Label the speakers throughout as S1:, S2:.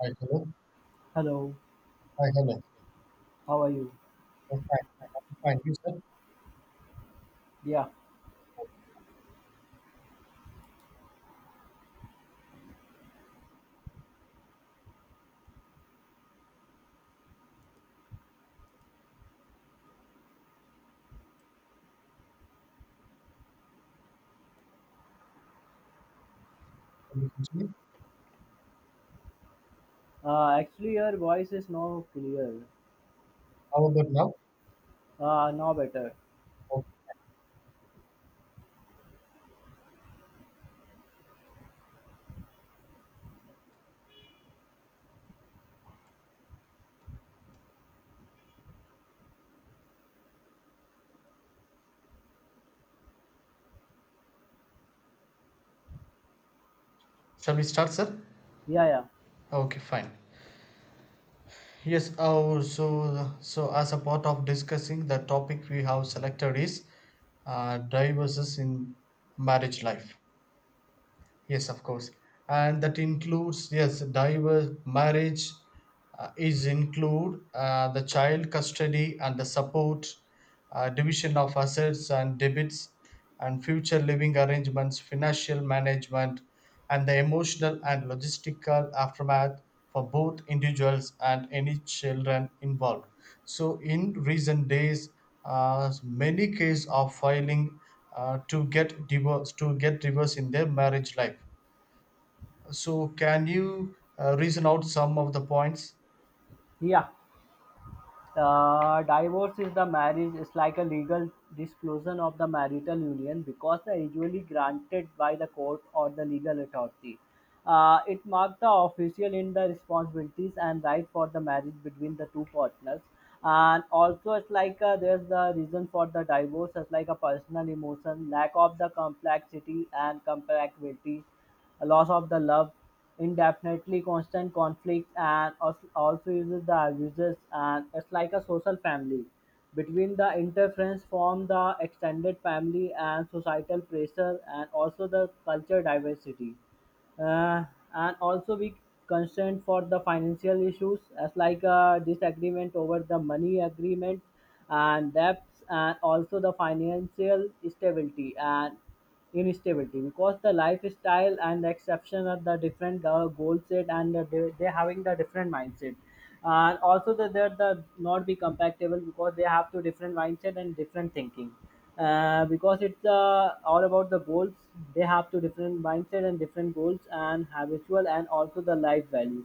S1: Hi, hello.
S2: Hello,
S1: Hi, hello.
S2: how are you?
S1: Yes, fine, I'm fine. You, sir?
S2: Yeah,
S1: Can you continue?
S2: actually, your voice is now clear.
S1: How about now?
S2: Now better.
S1: Okay. Shall we start, sir?
S2: Yeah, yeah,
S1: Okay, fine. Yes. Oh, so as a part of discussing, the topic we have selected is divorces in marriage life. Yes, of course. And that includes, yes, divorce, marriage is include the child custody and the support, division of assets and debits, and future living arrangements, financial management, and the emotional and logistical aftermath for both individuals and any children involved. So in recent days, many cases are filing to get divorce in their marriage life. So can you reason out some of the points?
S2: yeah. Divorce is the marriage is like a legal dissolution of the marital union, because the usually granted by the court or the legal authority. It marks the official in the responsibilities and right for the marriage between the two partners. And also, it's like there's the reason for the divorce. It's like a personal emotion, lack of the complexity and compatibility, a loss of the love, indefinitely constant conflict, and also uses the abusers. And it's like a social family between the interference form the extended family and societal pressure, and also the culture diversity. uh, and also be concerned for the financial issues as like a disagreement over the money agreement and debts, and also the financial stability and instability, because the lifestyle and the exception are the different goal set. And they having the different mindset, and also that they're the not be compatible because they have two different mindset and different thinking. Because it's all about the goals. They have two different mindset and different goals and habitual, and also the life values.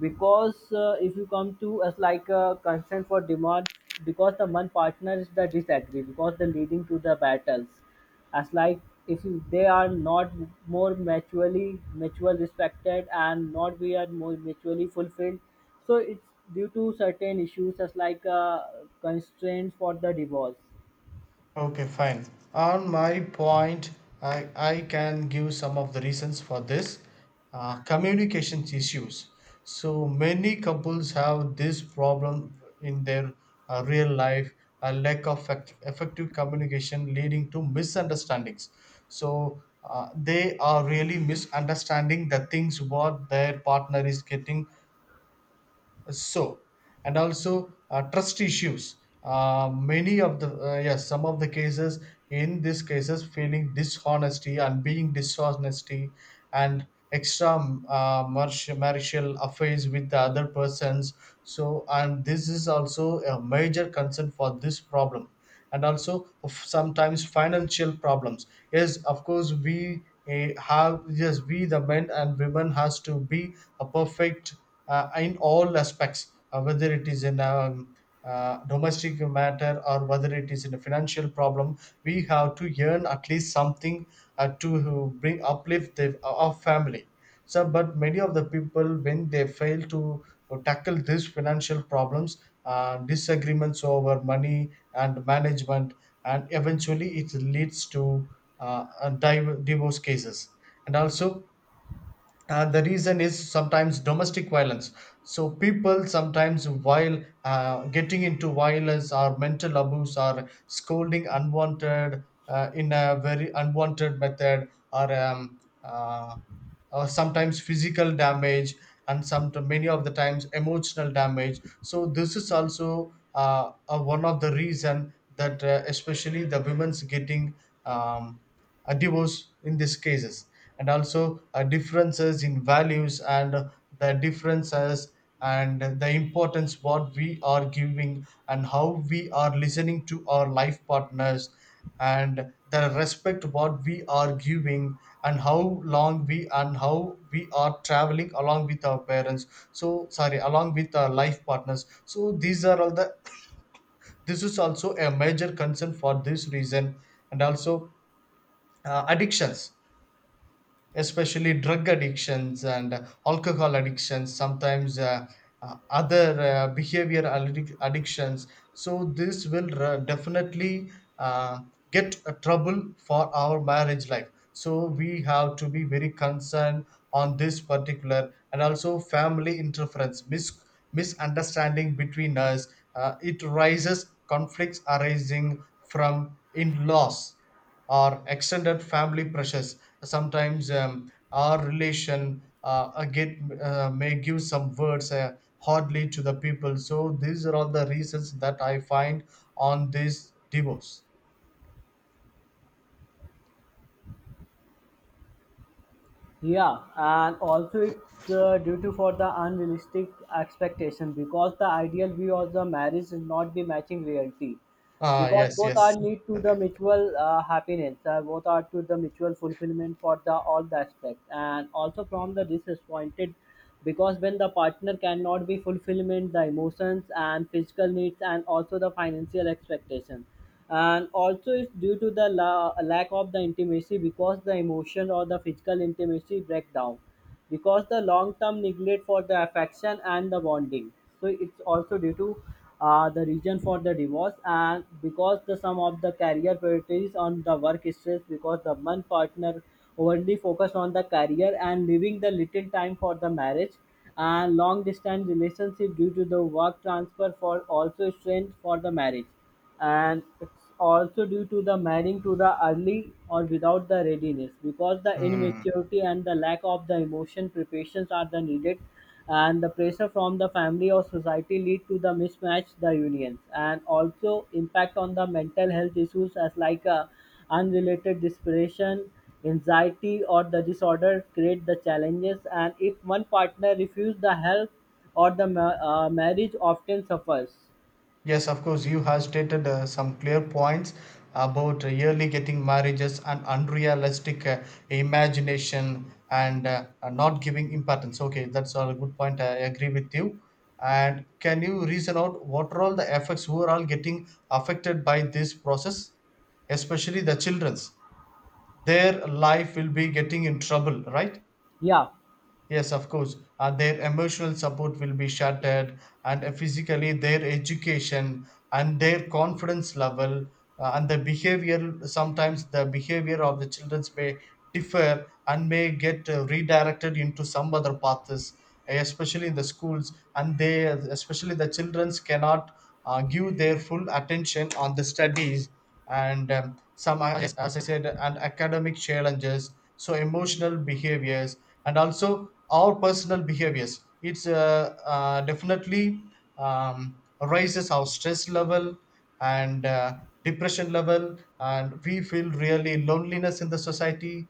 S2: Because if you come to us like a consent for demand, because the one partner is the disagree, because the leading to the battles. As like, if you, they are not more mutual respected, and not we are more mutually fulfilled. So it's due to certain issues, as like constraints for the divorce.
S1: Okay, fine. On my point, I can give some of the reasons for this. Communications issues. So many couples have this problem in their real life, a lack of effective communication leading to misunderstandings. So they are really misunderstanding the things what their partner is getting. So, and also trust issues, many of the yes, some of the cases, in these cases, feeling dishonesty and being dishonesty, and extra marital affairs with the other persons. So, and this is also a major concern for this problem. And also of sometimes financial problems, yes of course we have, yes, we the men and women has to be a perfect in all aspects, whether it is in a domestic matter or whether it is in a financial problem. We have to earn at least something to bring uplift the our family. So, but many of the people when they fail to tackle these financial problems, disagreements over money and management, and eventually it leads to divorce cases. And also, the reason is sometimes domestic violence. So people sometimes, while getting into violence or mental abuse, or scolding unwanted in a very unwanted method, or um, uh, or sometimes physical damage, and some many of the times emotional damage. So this is also one of the reason that especially the women's getting um, a divorce in these cases. And also differences in values and the differences, and the importance what we are giving and how we are listening to our life partners, and the respect what we are giving, and how long we and how we are traveling along with our parents, so sorry, along with our life partners. So these are all the, this is also a major concern for this reason. And also addictions, especially drug addictions and alcohol addictions, sometimes other behavior addictions. So this will definitely uh, get a trouble for our marriage life, so we have to be very concerned on this particular. And also family interference, misunderstanding between us. It rises conflicts arising from in-laws or extended family pressures. Sometimes our relation get may give some words hardly to the people. So these are all the reasons that I find on this divorce.
S2: Yeah, and also it's due to for the unrealistic expectation, because the ideal view of the marriage is not be matching reality.
S1: Ah,
S2: Because
S1: yes,
S2: both are
S1: yes.
S2: need to the mutual happiness. Both are to the mutual fulfillment for the all the aspect, and also from the disappointed, because when the partner cannot be fulfillment the emotions and physical needs, and also the financial expectation. And also it's due to the lack of the intimacy, because the emotion or the physical intimacy breakdown, because the long term neglect for the affection and the bonding. So it's also due to the reason for the divorce. And because the some of the career priorities on the work stress, because the one partner overly focus on the career and leaving the little time for the marriage. And long distance relationship due to the work transfer for also strained for the marriage. And it's also due to the marrying to the early or without the readiness, because the
S1: Hmm.
S2: immaturity and the lack of the emotion preparations are the needed. And the pressure from the family or society lead to the mismatch the unions, and also impact on the mental health issues as like unrelated depression, anxiety, or the disorder create the challenges. And if one partner refuse the help, or the marriage often suffers.
S1: Yes, of course, you have stated some clear points about yearly getting marriages and unrealistic imagination, and not giving importance. Okay, that's all a good point. I agree with you. And can you reason out what are all the effects, who are all getting affected by this process, especially the children's? Their life will be getting in trouble, right?
S2: Yeah,
S1: Yes, of course. Their emotional support will be shattered, and physically, their education and their confidence level and the behavior. Sometimes the behavior of the children may differ and may get redirected into some other paths, especially in the schools. And they, especially the children, cannot give their full attention on the studies, and some are, as I said, and academic challenges, so emotional behaviors, and also our personal behaviors. It's definitely raises our stress level and depression level, and we feel really loneliness in the society.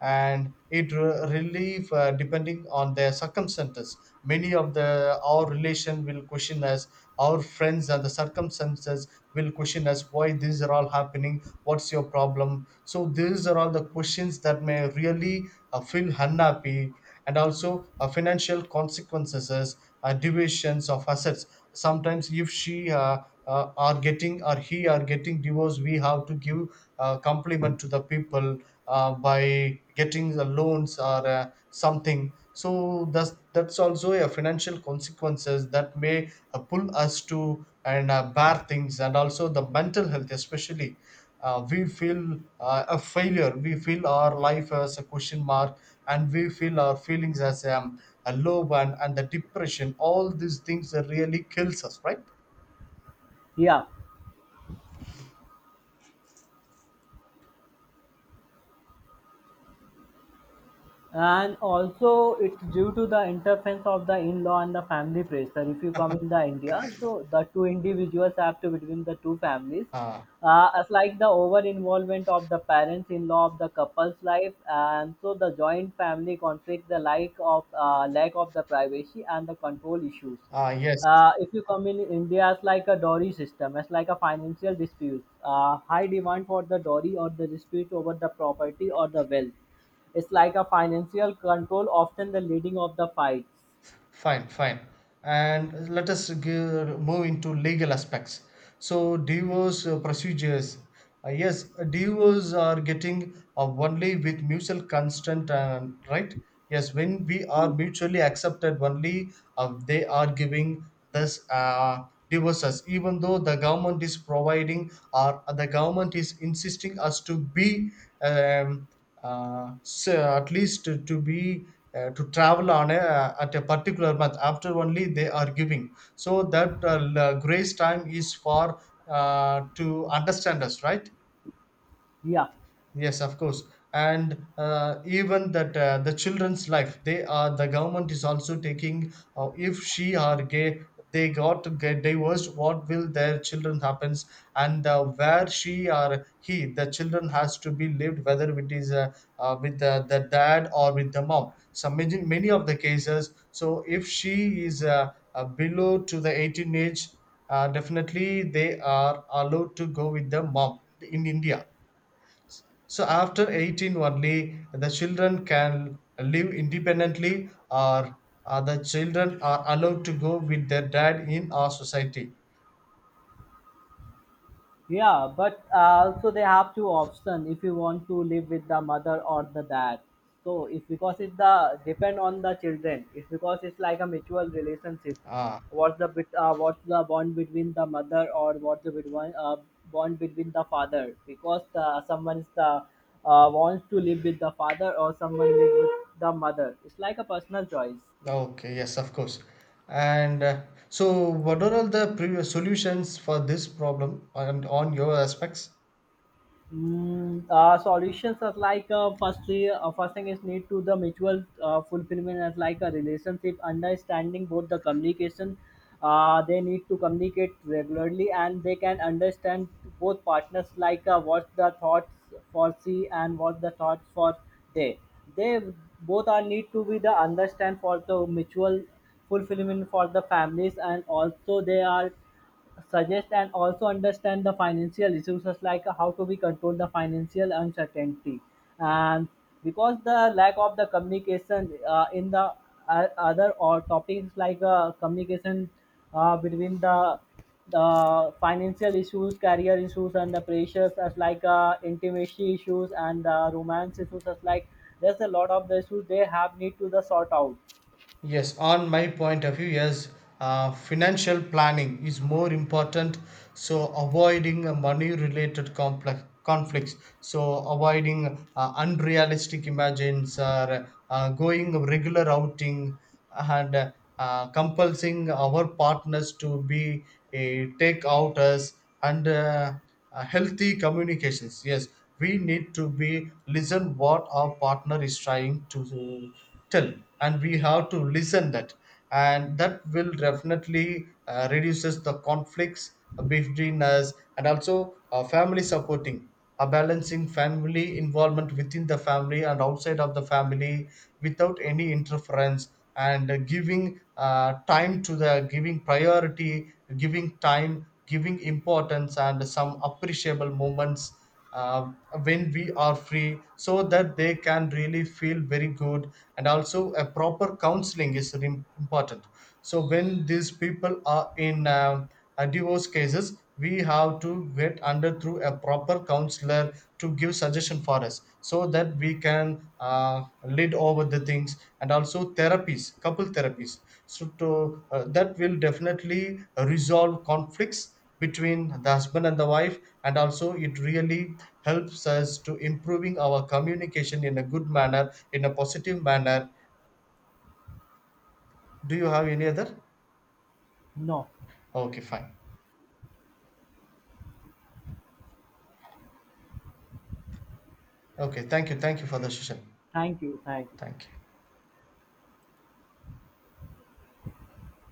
S1: And it relief depending on their circumstances, many of the our relation will question us, our friends and the circumstances will question us why these are all happening, what's your problem. So these are all the questions that may really feel unhappy. And also financial consequences, divisions of assets. Sometimes if she are getting or he are getting divorced, we have to give a compliment to the people by getting the loans or something. So that's also a financial consequences that may pull us to and bad things. And also the mental health, especially we feel a failure, we feel our life as a question mark, and we feel our feelings as a low one and the depression. All these things that really kills us, right.
S2: yeah, and also it's due to the interference of the in-law and the family pressure. If you come in the India, so the two individuals have to between the two families.
S1: uh,
S2: As like the over involvement of the parents in law of the couple's life. And so the joint family conflict, the lack of the privacy and the control issues.
S1: yes.
S2: If you come in India, it's like a dowry system. It's like a financial dispute. High demand for the dowry or the dispute over the property or the wealth. It's like a financial control, often the leading of the fights.
S1: Fine, fine. And let us give, move into legal aspects. So, divorce procedures. Yes, divorce are getting only with mutual consent, and right? Yes, when we are mutually accepted, only they are giving this divorces. Even though the government is providing or the government is insisting us to be um, so at least to be to travel on a at a particular month, after only they are giving, so that grace time is for to understand us, right.
S2: Yeah,
S1: Yes, of course. And even that the children's life, they are the government is also taking. If she are gay, they got to get divorced, what will their children happens? And where she or he, the children has to be lived, whether it is with the dad or with the mom. So many, many of the cases. So if she is below to the 18 age, definitely they are allowed to go with the mom in India. So after 18 only the children can live independently, or the children are allowed to go with their dad in our society.
S2: yeah, but also they have two options if you want to live with the mother or the dad. So it's because it's the depend on the children, it's because it's like a mutual relationship.
S1: Ah,
S2: What's the bond between the mother, or what's the bond between the father? Because someone is the wants to live with the father, or someone live with the mother. It's like a personal choice.
S1: okay, yes, of course. And so what are all the previous solutions for this problem and on your aspects?
S2: Solutions are like firstly, first thing is need to the mutual fulfillment as like a relationship understanding both the communication. They need to communicate regularly, and they can understand both partners like what the thoughts for she, and what the thoughts for they. They both are need to be the understand for the mutual fulfillment for the families, and also they are suggest and also understand the financial issues as like how to we control the financial uncertainty. And because the lack of the communication in the other or topics like communication between the financial issues, career issues, and the pressures, as like intimacy issues, and romance issues. As like, there's a lot of the issues they have need to the sort out.
S1: Yes, on my point of view, yes, financial planning is more important. So, avoiding money related complex conflicts, so avoiding unrealistic imagines, or going regular outing, and compulsing our partners to be take out us, and healthy communications. Yes, we need to be listen what our partner is trying to uh, tell, and we have to listen that, and that will definitely reduces the conflicts between us. And also family supporting, a balancing family involvement within the family and outside of the family without any interference. And giving time to the, giving priority, giving time, giving importance and some appreciable moments uh, when we are free, so that they can really feel very good. And also a proper counseling is really important. So when these people are in divorce cases, we have to get under through a proper counselor to give suggestion for us, so that we can lead over the things. And also therapies, couple therapies, so that will definitely resolve conflicts between the husband and the wife. And also it really helps us to improving our communication in a good manner, in a positive manner. Do you have any other?
S2: No.
S1: Okay, fine. Okay, thank you, thank you for the session.
S2: Thank you, thank you.
S1: Thank you.